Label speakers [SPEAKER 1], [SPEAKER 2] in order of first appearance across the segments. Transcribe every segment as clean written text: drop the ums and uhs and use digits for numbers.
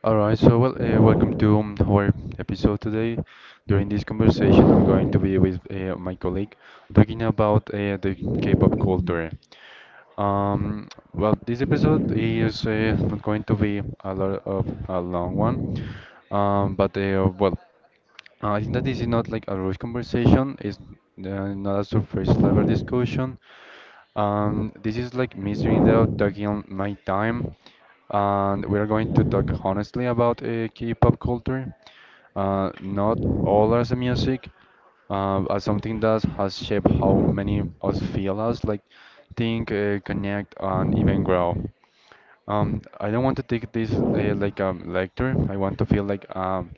[SPEAKER 1] All right, so well, welcome to our episode today. During this conversation, I'm going to be with my colleague talking about the K-pop culture. Um, this episode is not going to be a lot of a long one, um, but uh, well, I think that this is not like a rush conversation. It's not a surface level discussion. This is like Mr. Indo taking on my time, and we are going to talk honestly about K-pop culture. Not all as a music, as something that has shaped how many us feel us, like think, connect, and even grow. I don't want to take this like a lecture. I want to feel like um,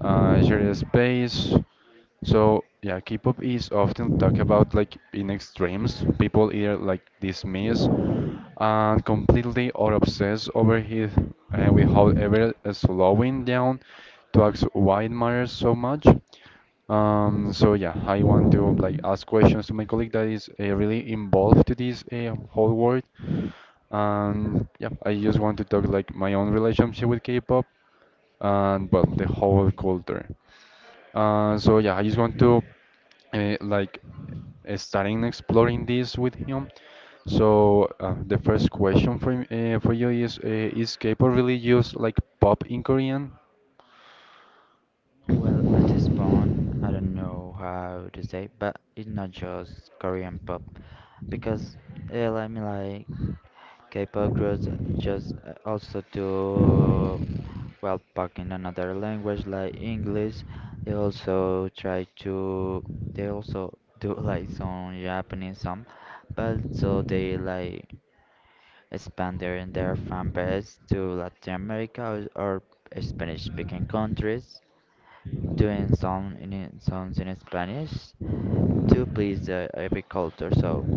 [SPEAKER 1] uh, share a space. So yeah, K-pop is often talked about like in extremes. People either like dismiss and completely or obsess over it without ever slowing down to ask why it matters so much. So yeah, I want to like ask questions to my colleague that is really involved to this whole world, and yeah, I just want to talk like my own relationship with K-pop and well, the whole culture. So yeah, I just want to uh, like starting exploring this with him. So the first question for you is K-pop really used like pop in Korean?
[SPEAKER 2] Well, at this point, I don't know how to say, but it's not just Korean pop because yeah, I mean like K-pop groups just also do well back in another language like English. They also try to they also do like some Japanese some, but so they like expand their fan base to Latin America or Spanish speaking countries doing some songs in Spanish to please every culture. So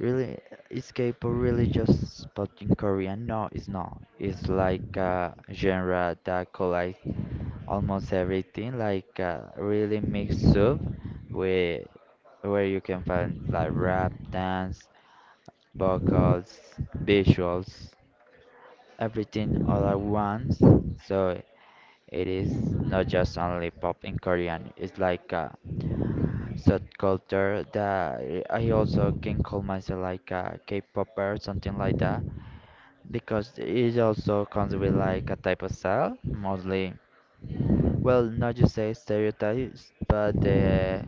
[SPEAKER 2] really, is K-pop really just spot in Korea? No, it's not. It's like a genre that collides almost everything, like a really mixed up with where you can find like rap, dance, vocals, visuals, everything all at once. So it is not just only pop in Korean. It's like a subculture that I also can call myself like a K-popper, something like that, because it also comes with like a type of style, mostly. Well, not just say stereotypes, but the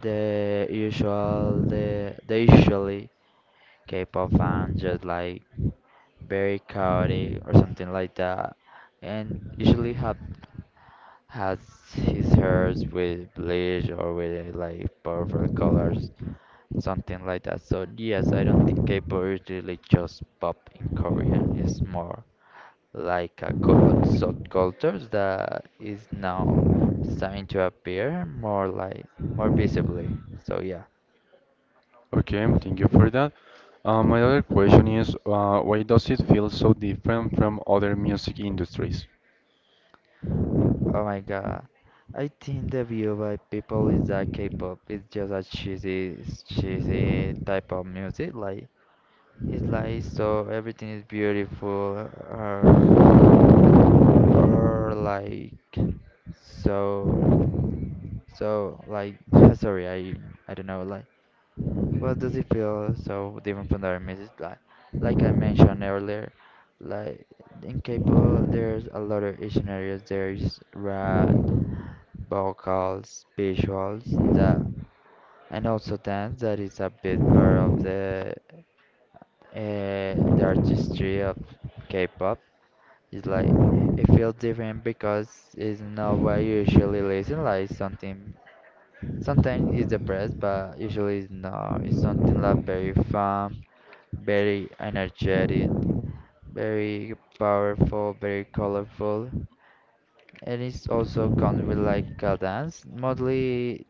[SPEAKER 2] the usual the the usually K-pop fans just like very chaotic or something like that, and usually have has his hairs with bleach or with like purple colors something like that. So yes, I don't think K-pop is really just pop in Korean. It's more like a a subcultures that is now starting to appear more like more visibly. So yeah.
[SPEAKER 1] Okay, thank you for that. My other question is why does it feel so different from other music industries?
[SPEAKER 2] Oh my God. I think the view by people is that K-pop is just a cheesy, cheesy type of music. Like it's like so everything is beautiful or or like so. So like sorry, I don't know like what does it feel so different from the other music like I mentioned earlier, like in K-pop there's a lot of scenarios, there's rap, vocals, visuals that and also dance that is a big part of the artistry of K-pop. It's like it feels different because it's not what you usually listen like something. Sometimes it's depressed, but usually it's not. It's something like very fun, very energetic, very powerful, very colorful. And it also comes with like a dance. Mostly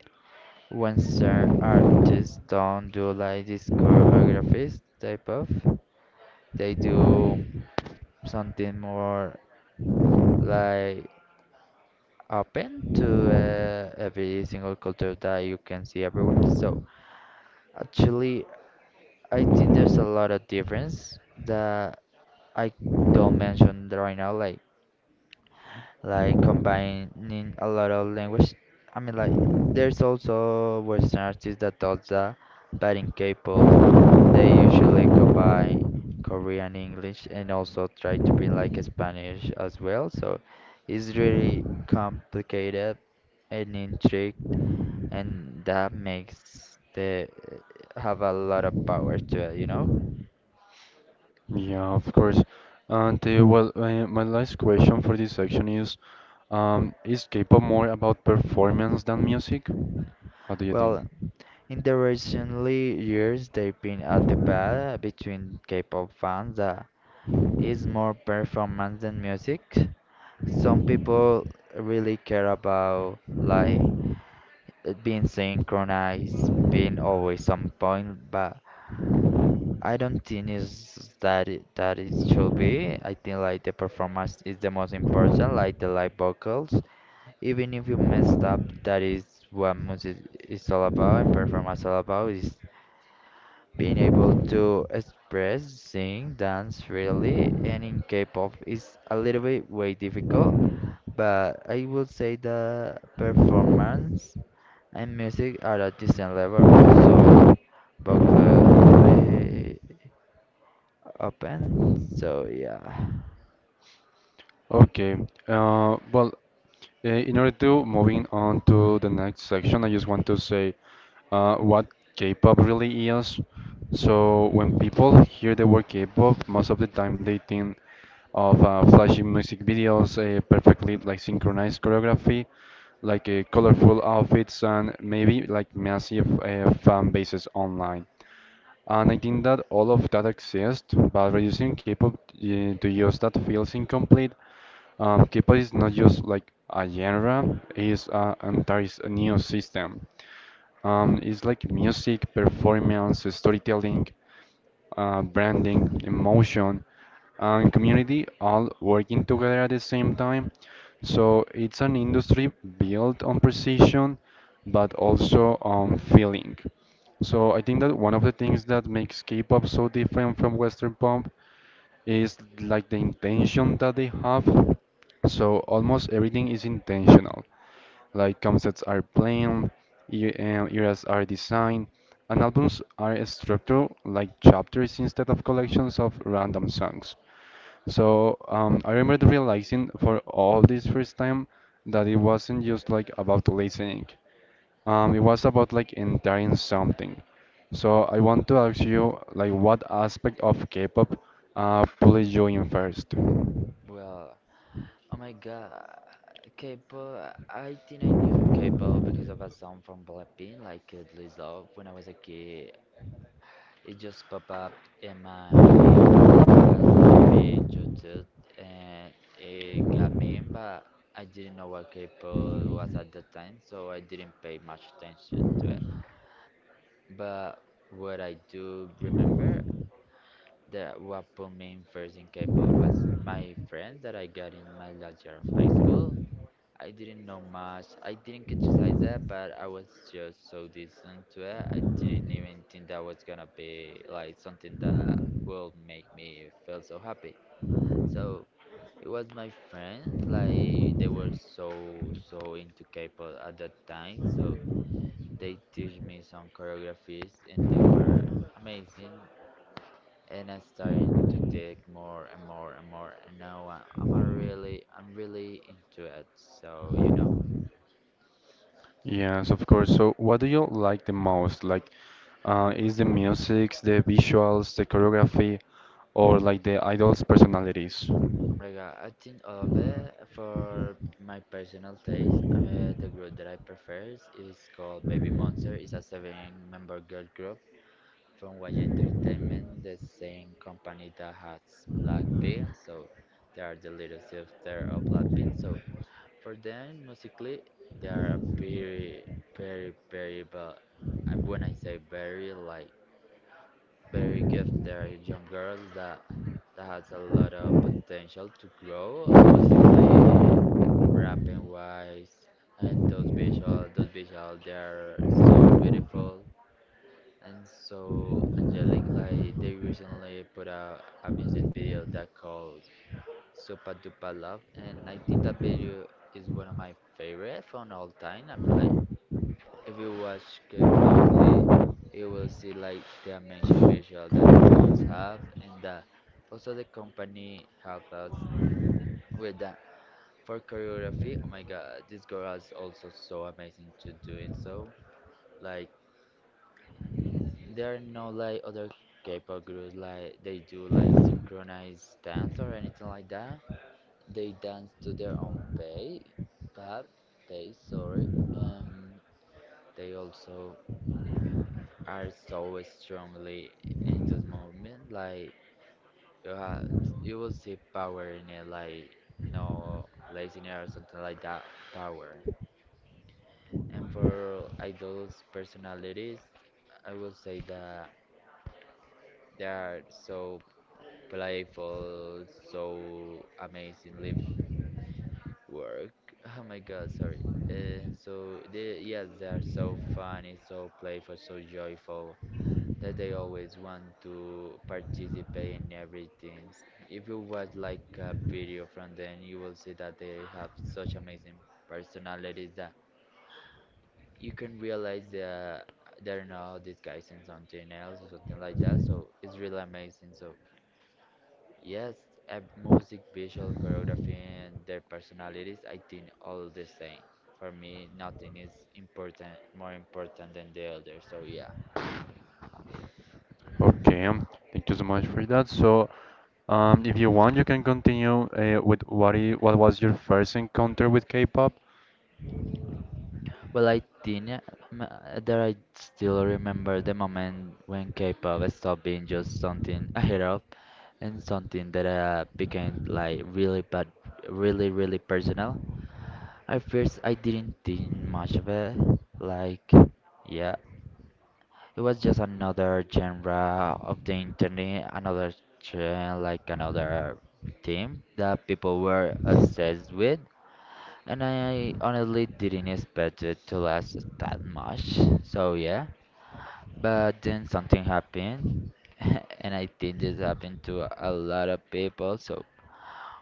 [SPEAKER 2] when certain artists don't do like this choreographies type of, they do something more like open to every single culture that you can see everywhere. So actually I think there's a lot of difference that I don't mention right now, like combining a lot of language. I mean, like there's also Western artists that does that, but in K-pop, they usually combine Korean, English, and also try to bring like Spanish as well. So it's really complicated and intricate, and that makes the have a lot of power to it, you know?
[SPEAKER 1] Yeah, of course. And my last question for this section is K-pop more about performance than music? What do you
[SPEAKER 2] Well,
[SPEAKER 1] think?
[SPEAKER 2] in the recent years, they've been a debate between K-pop fans that is more performance than music. Some people really care about like it being synchronized, being always on point, but I don't think is that it should be. I think like the performance is the most important, like the live vocals. Even if you messed up, that is what music is all about and performance all about is being able to express, sing, dance freely, and in K-pop is a little bit way difficult, but I would say the performance and music are at decent level, also vocally open. So yeah.
[SPEAKER 1] Okay. Uh, well, in order to moving on to the next section, I just want to say what K-pop really is. So when people hear the word K-pop, most of the time they think of flashy music videos, perfectly like synchronized choreography, like colorful outfits, and maybe like massive fan bases online. And I think that all of that exists, but reducing K-pop to just that feels incomplete. K-pop is not just like a genre; it's an entire new system. It's like music, performance, storytelling,
[SPEAKER 2] Yes.
[SPEAKER 1] branding, emotion, and community all working together at the same time. So it's an industry built on precision, but also on feeling. So I think that one of the things that makes K-pop so different from Western pop is like the intention that they have. So almost everything is intentional. Like concepts are planned, eras are designed, and albums are structured like chapters instead of collections of random songs. So I remember realizing for all this first time that it wasn't just like about listening. It was about like entering something. So I want to ask you like what aspect of K-pop pulled you in first?
[SPEAKER 2] Well, oh my god. K-pop, I think I knew K-pop because of a song from Blackpink, like Lose Love, when I was a kid. It just pop up in my FYP in YouTube and it got me in, but I didn't know what K-pop was at the time, so I didn't pay much attention to it. But what I do remember that what put me in first in K-pop was my friend that I got in my last year of high school. I didn't know much. I didn't criticize that, but I was just so decent to it. I didn't even think that was gonna be like something that will make me feel so happy. So it was my friends, like they were so into K-pop at that time. So they teach me some choreographies, and they were amazing. And I starting to take more and more and more, and now I'm really into it. So you know.
[SPEAKER 1] Yes, of course. So what do you like the most? Like is the music, the visuals, the choreography, or like the idols' personalities?
[SPEAKER 2] Oh my god, I think all of that for my personal taste. The group that I prefer is called Baby Monster. It's a seven-member girl group from YG Entertainment, the same company that has Blackpink. So they are the little sister of Blackpink. So for them, musically, they are very, very, very, but when I say very, like very gifted young girls that has a lot of potential to grow musically, rapping wise, and those visual they are so beautiful and so angelic. Like they recently put out a music video that called Supa Dupa Love, and I think that video is one of my favorite from all time. I mean like if you watch closely, you will see like the mentioned visual that these girls have and that also the company helped us with that. For choreography, oh my god, this girl is also so amazing to doing so. Like there are no like other K-pop groups like they do like synchronized dance or anything like that. They dance to their own pay, but pace, sorry. Um, they also are so strongly in this movement. Like you have, you will see power in it, like no laziness or something like that. Power. And for idols' personalities, I will say that they are so playful, so amazingly work. Oh my God, sorry. And so they, yes, they are so funny, so playful, so joyful, that they always want to participate in everything. If you watch like a video from them, you will see that they have such amazing personalities that you can realize that they're not disguising something else or something like that. So it's really amazing. So yes, music, visual, choreography, and their personalities, I think all the same. For me, nothing is important, more important than the other. So yeah.
[SPEAKER 1] Okay, thank you so much for that. So if you want you can continue with what was your first encounter with K-pop.
[SPEAKER 2] Well, I didn't, m- that I still remember the moment when K-pop stopped being just something I heard of and something that became like really but really really personal. At first, I didn't think much of it. Like, yeah, it was just another genre of the internet, another trend, like another theme that people were obsessed with. And I honestly didn't expect it to last that much. So yeah. But then something happened. And I think this happened to a lot of people. So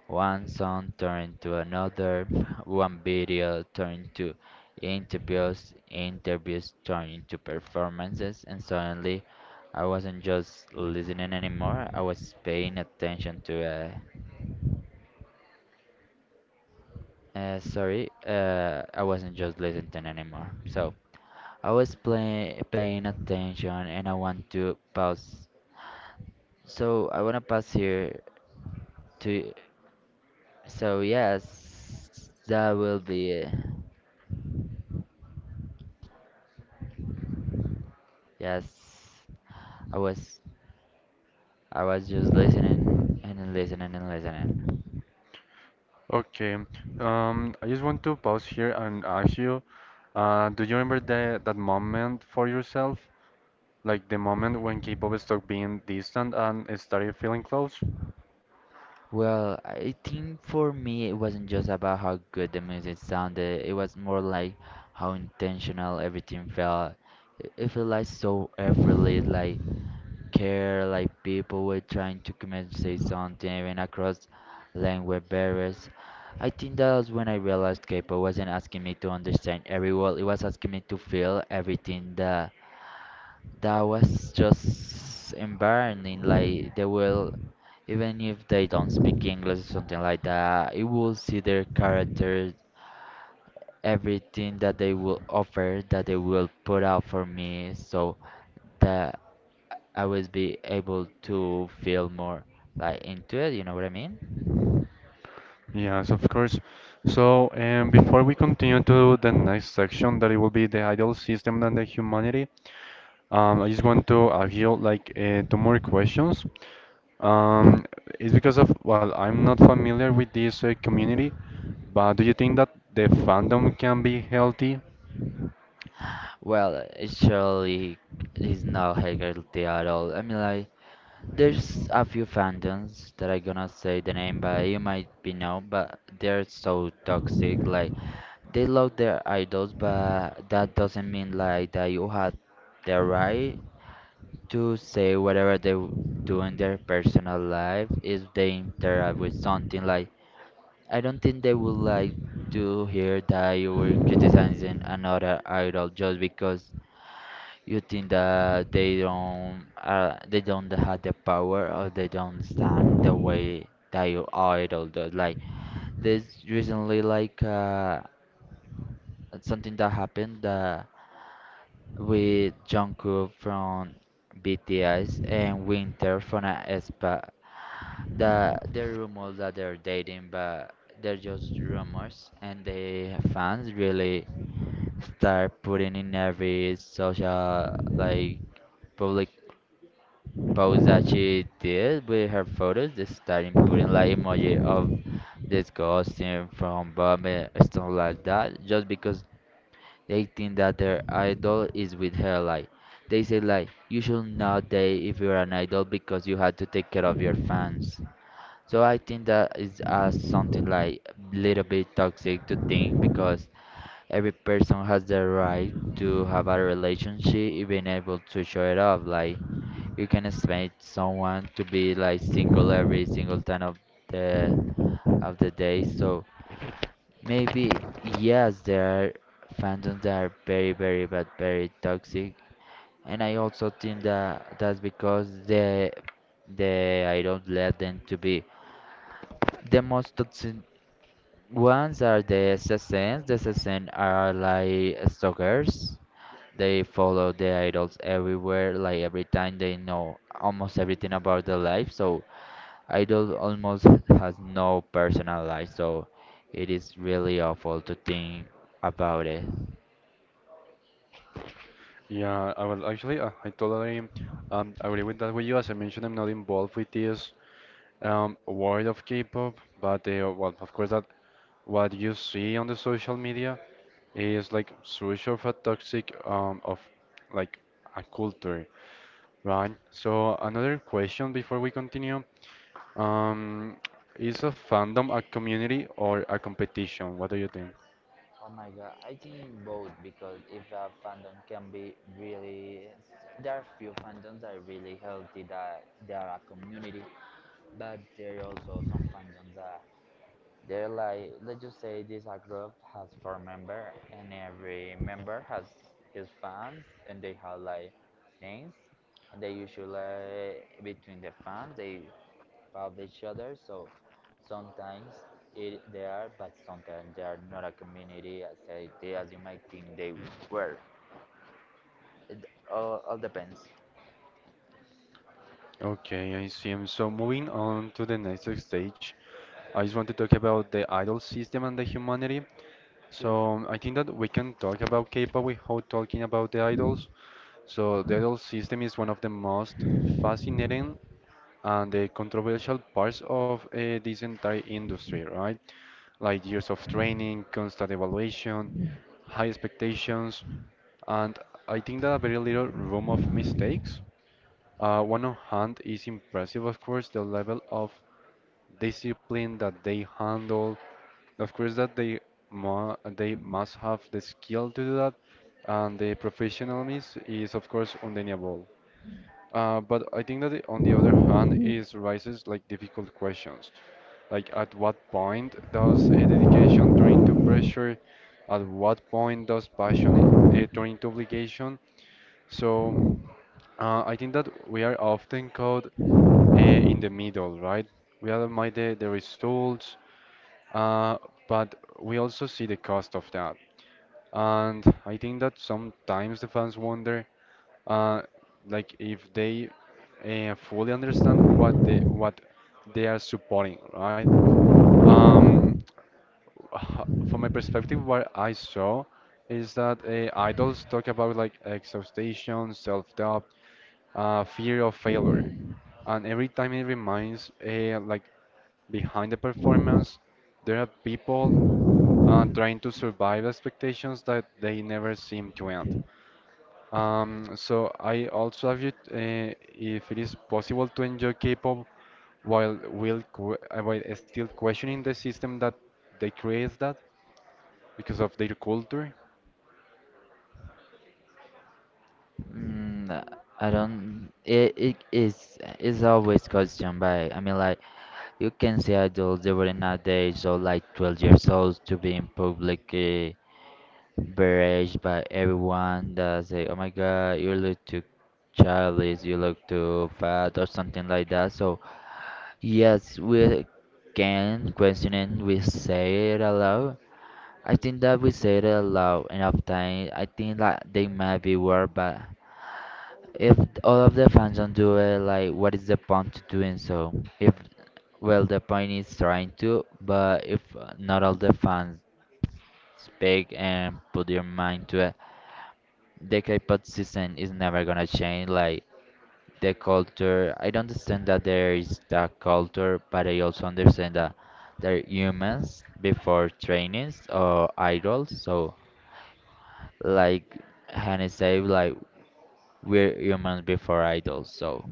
[SPEAKER 2] one song turned to another, one video turned to interviews, interviews turned into performances, and suddenly I wasn't just listening anymore, I was paying attention to. I wasn't just listening anymore. So paying attention and I want to pause. So I want to pause here to. So yes, that will be it. Yes, I was I was just listening and listening and listening.
[SPEAKER 1] Okay. I just want to pause here and ask you, do you remember that moment for yourself? Like the moment when K-pop stopped being distant and it started feeling close?
[SPEAKER 2] Well, I think for me it wasn't just about how good the music sounded. It was more like how intentional everything felt. It felt like so effortless, like care like people were trying to communicate something even across language barriers. I think that was when I realized K-pop wasn't asking me to understand every word, it was asking me to feel everything that that was just embarrassing. Like they will even if they don't speak English or something like that, you will see their character, everything that they will offer, that they will put out for me. So that I will be able to feel more like into it. You know what I mean?
[SPEAKER 1] Yes, of course. So, before we continue to the next section, that it will be the ideal system and the humanity, I just want to ask you like two more questions. Um, it's because of, well, I'm not familiar with this community, but do you think that the fandom can be healthy?
[SPEAKER 2] Well, it surely is not Hegel at all. I mean, like there's a few fandoms that I gonna say the name, but you might be know, but they're so toxic. Like they love their idols, but that doesn't mean like that you have the right to say whatever do in their personal life if they interact with something like I don't think they would like to hear that you were criticizing another idol just because you think that they don't have the power or they don't stand the way that your idol does. Like this recently, like something that happened that with Jungkook from BTS and Winter from aespa there are rumors that they're dating, but they're just rumors, and the fans really start putting in every social like public post that she did with her photos. They starting putting like emoji of disgusting from bombing stuff like that, just because they think that their idol is with her. Like they say, like you should not date if you're an idol because you had to take care of your fans. So I think that is something like little bit toxic to think because every person has the right to have a relationship, even able to show it off. Like you can expect someone to be like single every single time the of the day. So maybe yes, there are fandoms that are very, very, but very toxic. And I also think that that's because they I don't let them to be. The most toxic ones are the assassins. The assassins are like stalkers. They follow the idols everywhere, like every time they know almost everything about their life. So idol almost has no personal life. So it is really awful to think about it.
[SPEAKER 1] Yeah, I will actually, I totally agree with that with you. As I mentioned, I'm not involved with this world of K-pop, but well, of course, that what you see on the social media is like such of a toxic of like a culture, right? So another question before we continue, um, is a fandom a community or a competition? What do you think?
[SPEAKER 2] Oh my god, I think both because if a fandom can be really, there are few fandoms that are really healthy that they are a community, but there are also some on that they're like let's just say this a group has four members, and every member has his fans and they have like names and they usually between the fans they love each other so sometimes it they are but sometimes they are not a community as I, they, as you might think they were it all depends.
[SPEAKER 1] Okay, I see. And so moving on to the next stage. I just want to talk about the idol system and the humanity. So I think that we can talk about K-pop without talking about the idols. So the idol system is one of the most fascinating and the controversial parts of this entire industry, right? Like years of training, constant evaluation, high expectations, and I think that very little room of mistakes. One on hand is impressive, of course, the level of discipline that they handle. Of course, that they mu they must have the skill to do that, and the professionalism is, of course, undeniable. But I think that on the other hand, is raises like difficult questions, like at what point does a dedication turn into pressure? At what point does passion turn into obligation? So I think that we are often caught in the middle, right? We admire the results, uh, but we also see the cost of that. And I think that sometimes the fans wonder, uh, like if they fully understand what they are supporting, right? Um, from my perspective, what I saw is that idols talk about like exhaustion, self-doubt, fear of failure, and every time it reminds like behind the performance, there are people trying to survive expectations that they never seem to end. So I also have you if it is possible to enjoy K-pop while while still questioning the system that they create that because of their culture.
[SPEAKER 2] Mm, I don't. It is always questioned by. I mean, like, you can see adults even nowadays so like 12 years old to be being publicly berated by everyone that say, oh my god, you look too childish, you look too fat or something like that. So yes, we can question it, we say it aloud. I think that we say it aloud enough time. I think that they might be worried, but if all of the fans don't do it, like, what is the point to doing so? If, well, the point is trying to, but if not all the fans speak and put their mind to it, the K-pop system is never gonna change. Like, the culture, I don't understand that there is that culture, but I also understand that they're humans before trainees or idols. So, like Hannah said, like, we're humans before idols, so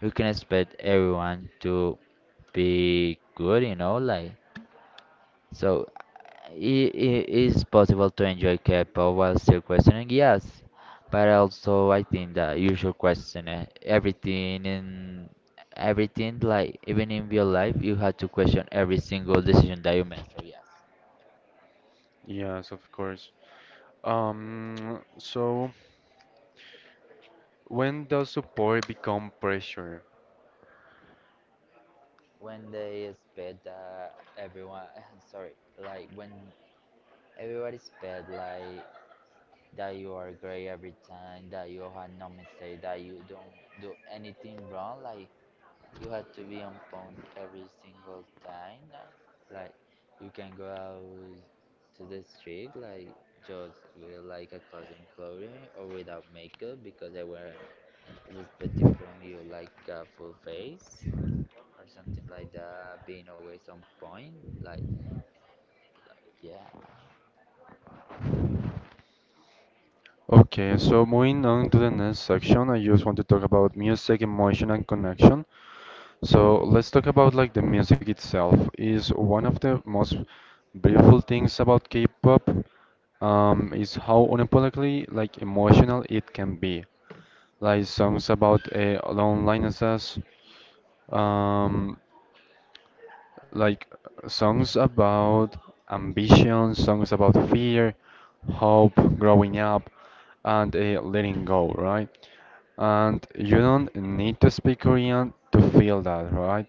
[SPEAKER 2] we can expect everyone to be good, you know, like so it is possible to enjoy K-pop while still questioning, yes, but also I think that you should question everything in everything, like even in real life, you have to question every single decision that you make. So yes,
[SPEAKER 1] Yes, of course. So when does support become pressure?
[SPEAKER 2] when they expect that everyone, sorry, like when everybody expect like that you are great every time, that you have no mistake, that you don't do anything wrong. Like you have to be on point every single time. Like you can go out to the street, like just with like a cousin clothing or without makeup because everyone is expecting from you like a full face or something like that. Being always on point, like like yeah.
[SPEAKER 1] Okay, so moving on to the next section, I just want to talk about music, emotion, and connection. So let's talk about like the music itself is one of the most beautiful things about K-pop, is how unapologetically like emotional it can be. Like songs about loneliness, um, like songs about ambition, songs about fear, hope, growing up, and letting go, right? And you don't need to speak Korean to feel that, right?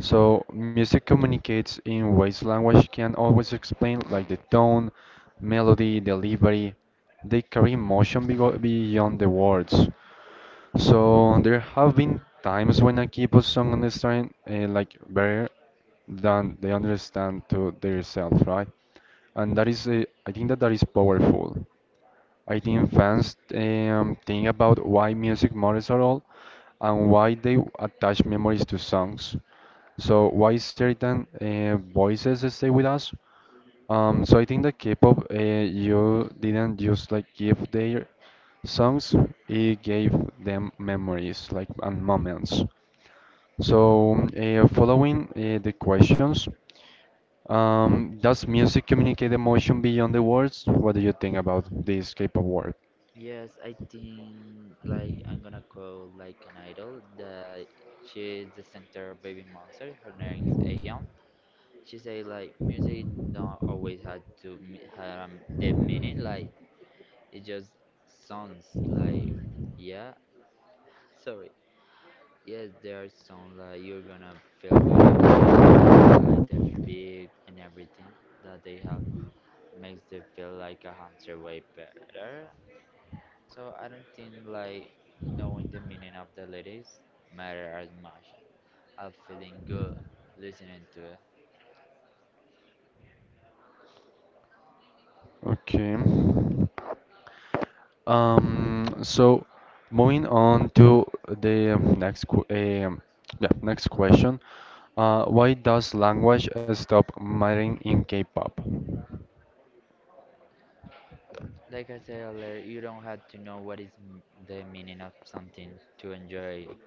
[SPEAKER 1] So music communicates in ways language can always explain, like the tone, melody, delivery. They carry emotion beyond the words. So there have been times when I keep a song understand like better than they understand to themselves, right? And that is, I think that that is powerful. I think fans think about why music matters at all and why they attach memories to songs. So why certain voices stay with us? So I think that K-pop, you didn't just like give their songs, it gave them memories like and moments. So following the questions, does music communicate emotion beyond the words? What do you think about this K-pop word?
[SPEAKER 2] Yes, I think like I'm gonna quote like an idol that she's the center of baby monster. Her name's Aehyun. She say like music not always had to have deep meaning. Like it just sounds like yeah. Sorry. Yes, there are songs like you're gonna feel good about it. Like the beat and everything that they have makes it feel like 100 way better. So I don't think like knowing the meaning of the lyrics matter as much as feeling good listening to it.
[SPEAKER 1] Okay. So moving on to the next qu yeah, next question. Why does language stop mattering in K-pop?
[SPEAKER 2] Like I said earlier, you don't have to know what is the meaning of something to enjoy it.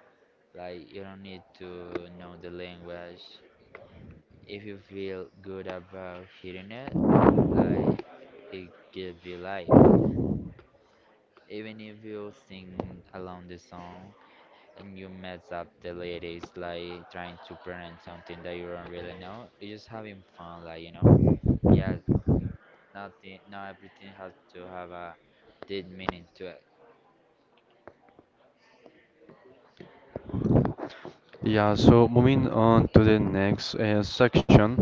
[SPEAKER 2] Like you don't need to know the language. If you feel good about hearing it, like it gives you life. Even if you sing along the song, and you mess up the ladies like trying to pronounce something that you don't really know. You're just having fun, like you know. Yeah, nothing, not everything has to have a deep meaning to it.
[SPEAKER 1] Yeah, so moving on to the next section,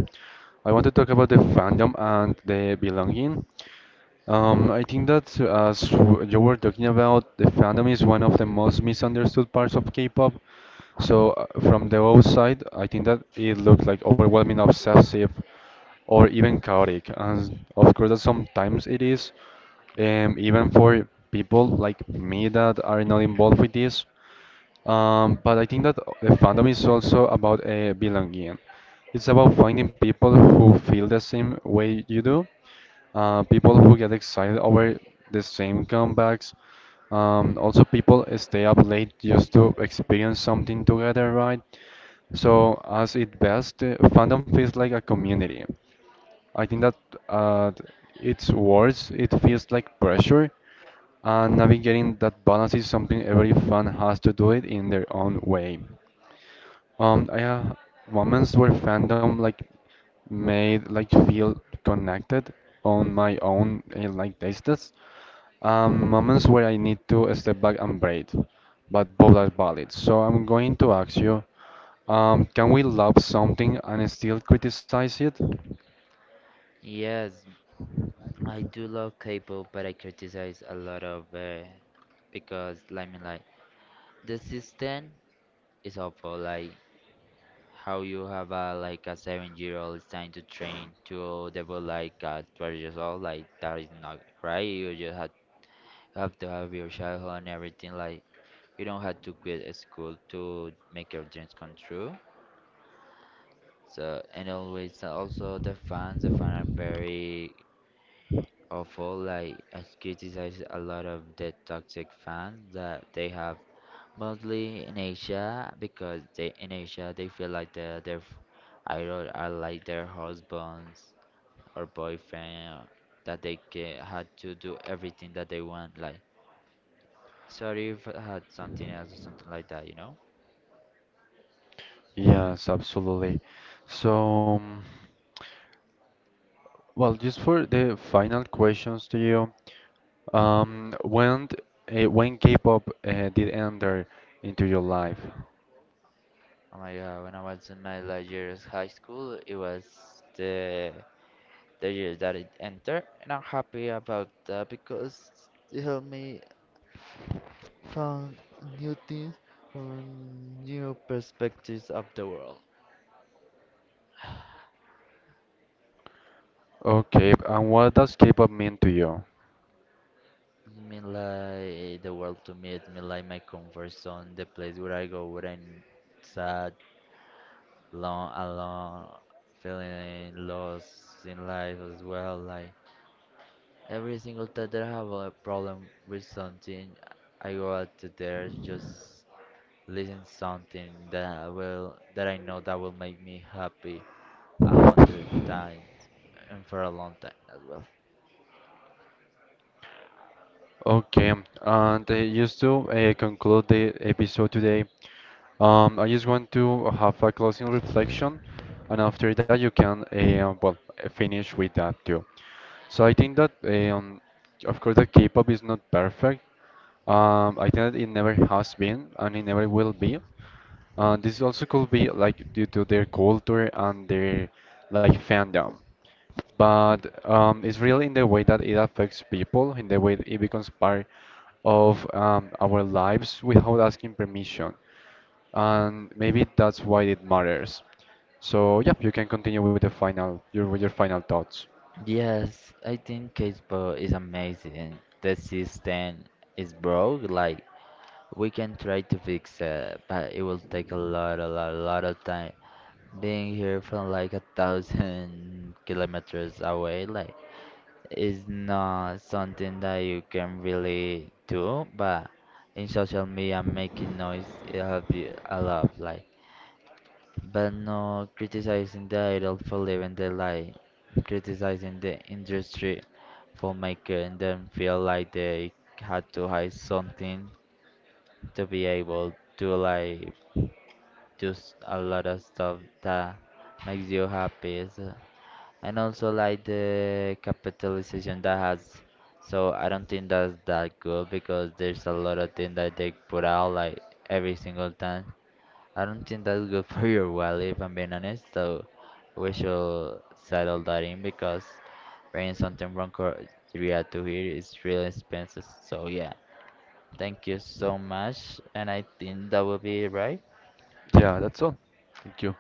[SPEAKER 1] I want to talk about the fandom and the belonging. I think that you were talking about, the fandom is one of the most misunderstood parts of K-pop. So from the outside, I think that it looked like overwhelming, obsessive, or even chaotic. And of course, that sometimes it is, even for people like me that are not involved with this. But I think that the fandom is also about belonging. It's about finding people who feel the same way you do, people who get excited over the same comebacks. Also, people stay up late just to experience something together, right? So, as it best, fandom feels like a community. I think that uh, it's worse, it feels like pressure, and navigating that balance is something every fan has to do it in their own way. I have moments where fandom like made like feel connected on my own like tastes. Moments where I need to step back and breathe, but both are valid. So I'm going to ask you, can we love something and still criticize it?
[SPEAKER 2] Yes, I do love K-pop, but I criticize a lot of it because, like, I mean, like the system is awful. Like how you have a like a 7-year-old trying to training to develop like a 12 years old, like that is not right. You have to have your childhood and everything. Like you don't have to quit a school to make your dreams come true. So and always also the fans are very awful. Like I criticize a lot of the toxic fans that they have mostly in Asia because they in Asia they feel like their idol are like their husbands or boyfriend that they ca had to do everything that they want like Sharif had something else or something like that, you know?
[SPEAKER 1] Yes, absolutely. So, well, just for the final questions to you, um, when when K-pop did enter into your life?
[SPEAKER 2] Oh my god, when I was in my last year of high school, it was the the year that it entered, and I'm happy about that because it helped me found new things from new perspectives of the world.
[SPEAKER 1] Okay, and what does K-pop mean to you?
[SPEAKER 2] I mean, like the world to me, it mean like my comfort zone, the place where I go when I'm sad, long, alone, feeling lost in life as well, like. Every single time that I have a problem with something, I go out to there just listen something that I will that I know that will make me happy 100 times and for a long time as well.
[SPEAKER 1] Okay, and just to conclude the episode today, I just want to have a closing reflection, and after that you can finish with that too. So I think that of course that K-pop is not perfect. I think that it never has been, and it never will be. This also could be like due to their culture and their like fandom, but it's really in the way that it affects people, in the way that it becomes part of our lives without asking permission. And maybe that's why it matters. So yeah, you can continue with the final your with your final thoughts.
[SPEAKER 2] Yes, I think Casper is amazing. The system is broke. Like we can try to fix it, but it will take a lot, a lot, a lot of time. Being here from like 1,000 kilometers away, like it's not something that you can really do, but in social media making noise it helps you a lot, like but no criticizing the idol for living their life, criticizing the industry for making them feel like they had to hide something to be able to like just a lot of stuff that makes you happy. So, and also like the capitalization that has. So I don't think that's that good because there's a lot of things that they put out like every single time. I don't think that's good for your wallet if I'm being honest. So we should settle that in because bringing something from Korea to here is really expensive. So yeah, thank you so much, and I think that will be it, right.
[SPEAKER 1] Yeah, that's all. Thank you.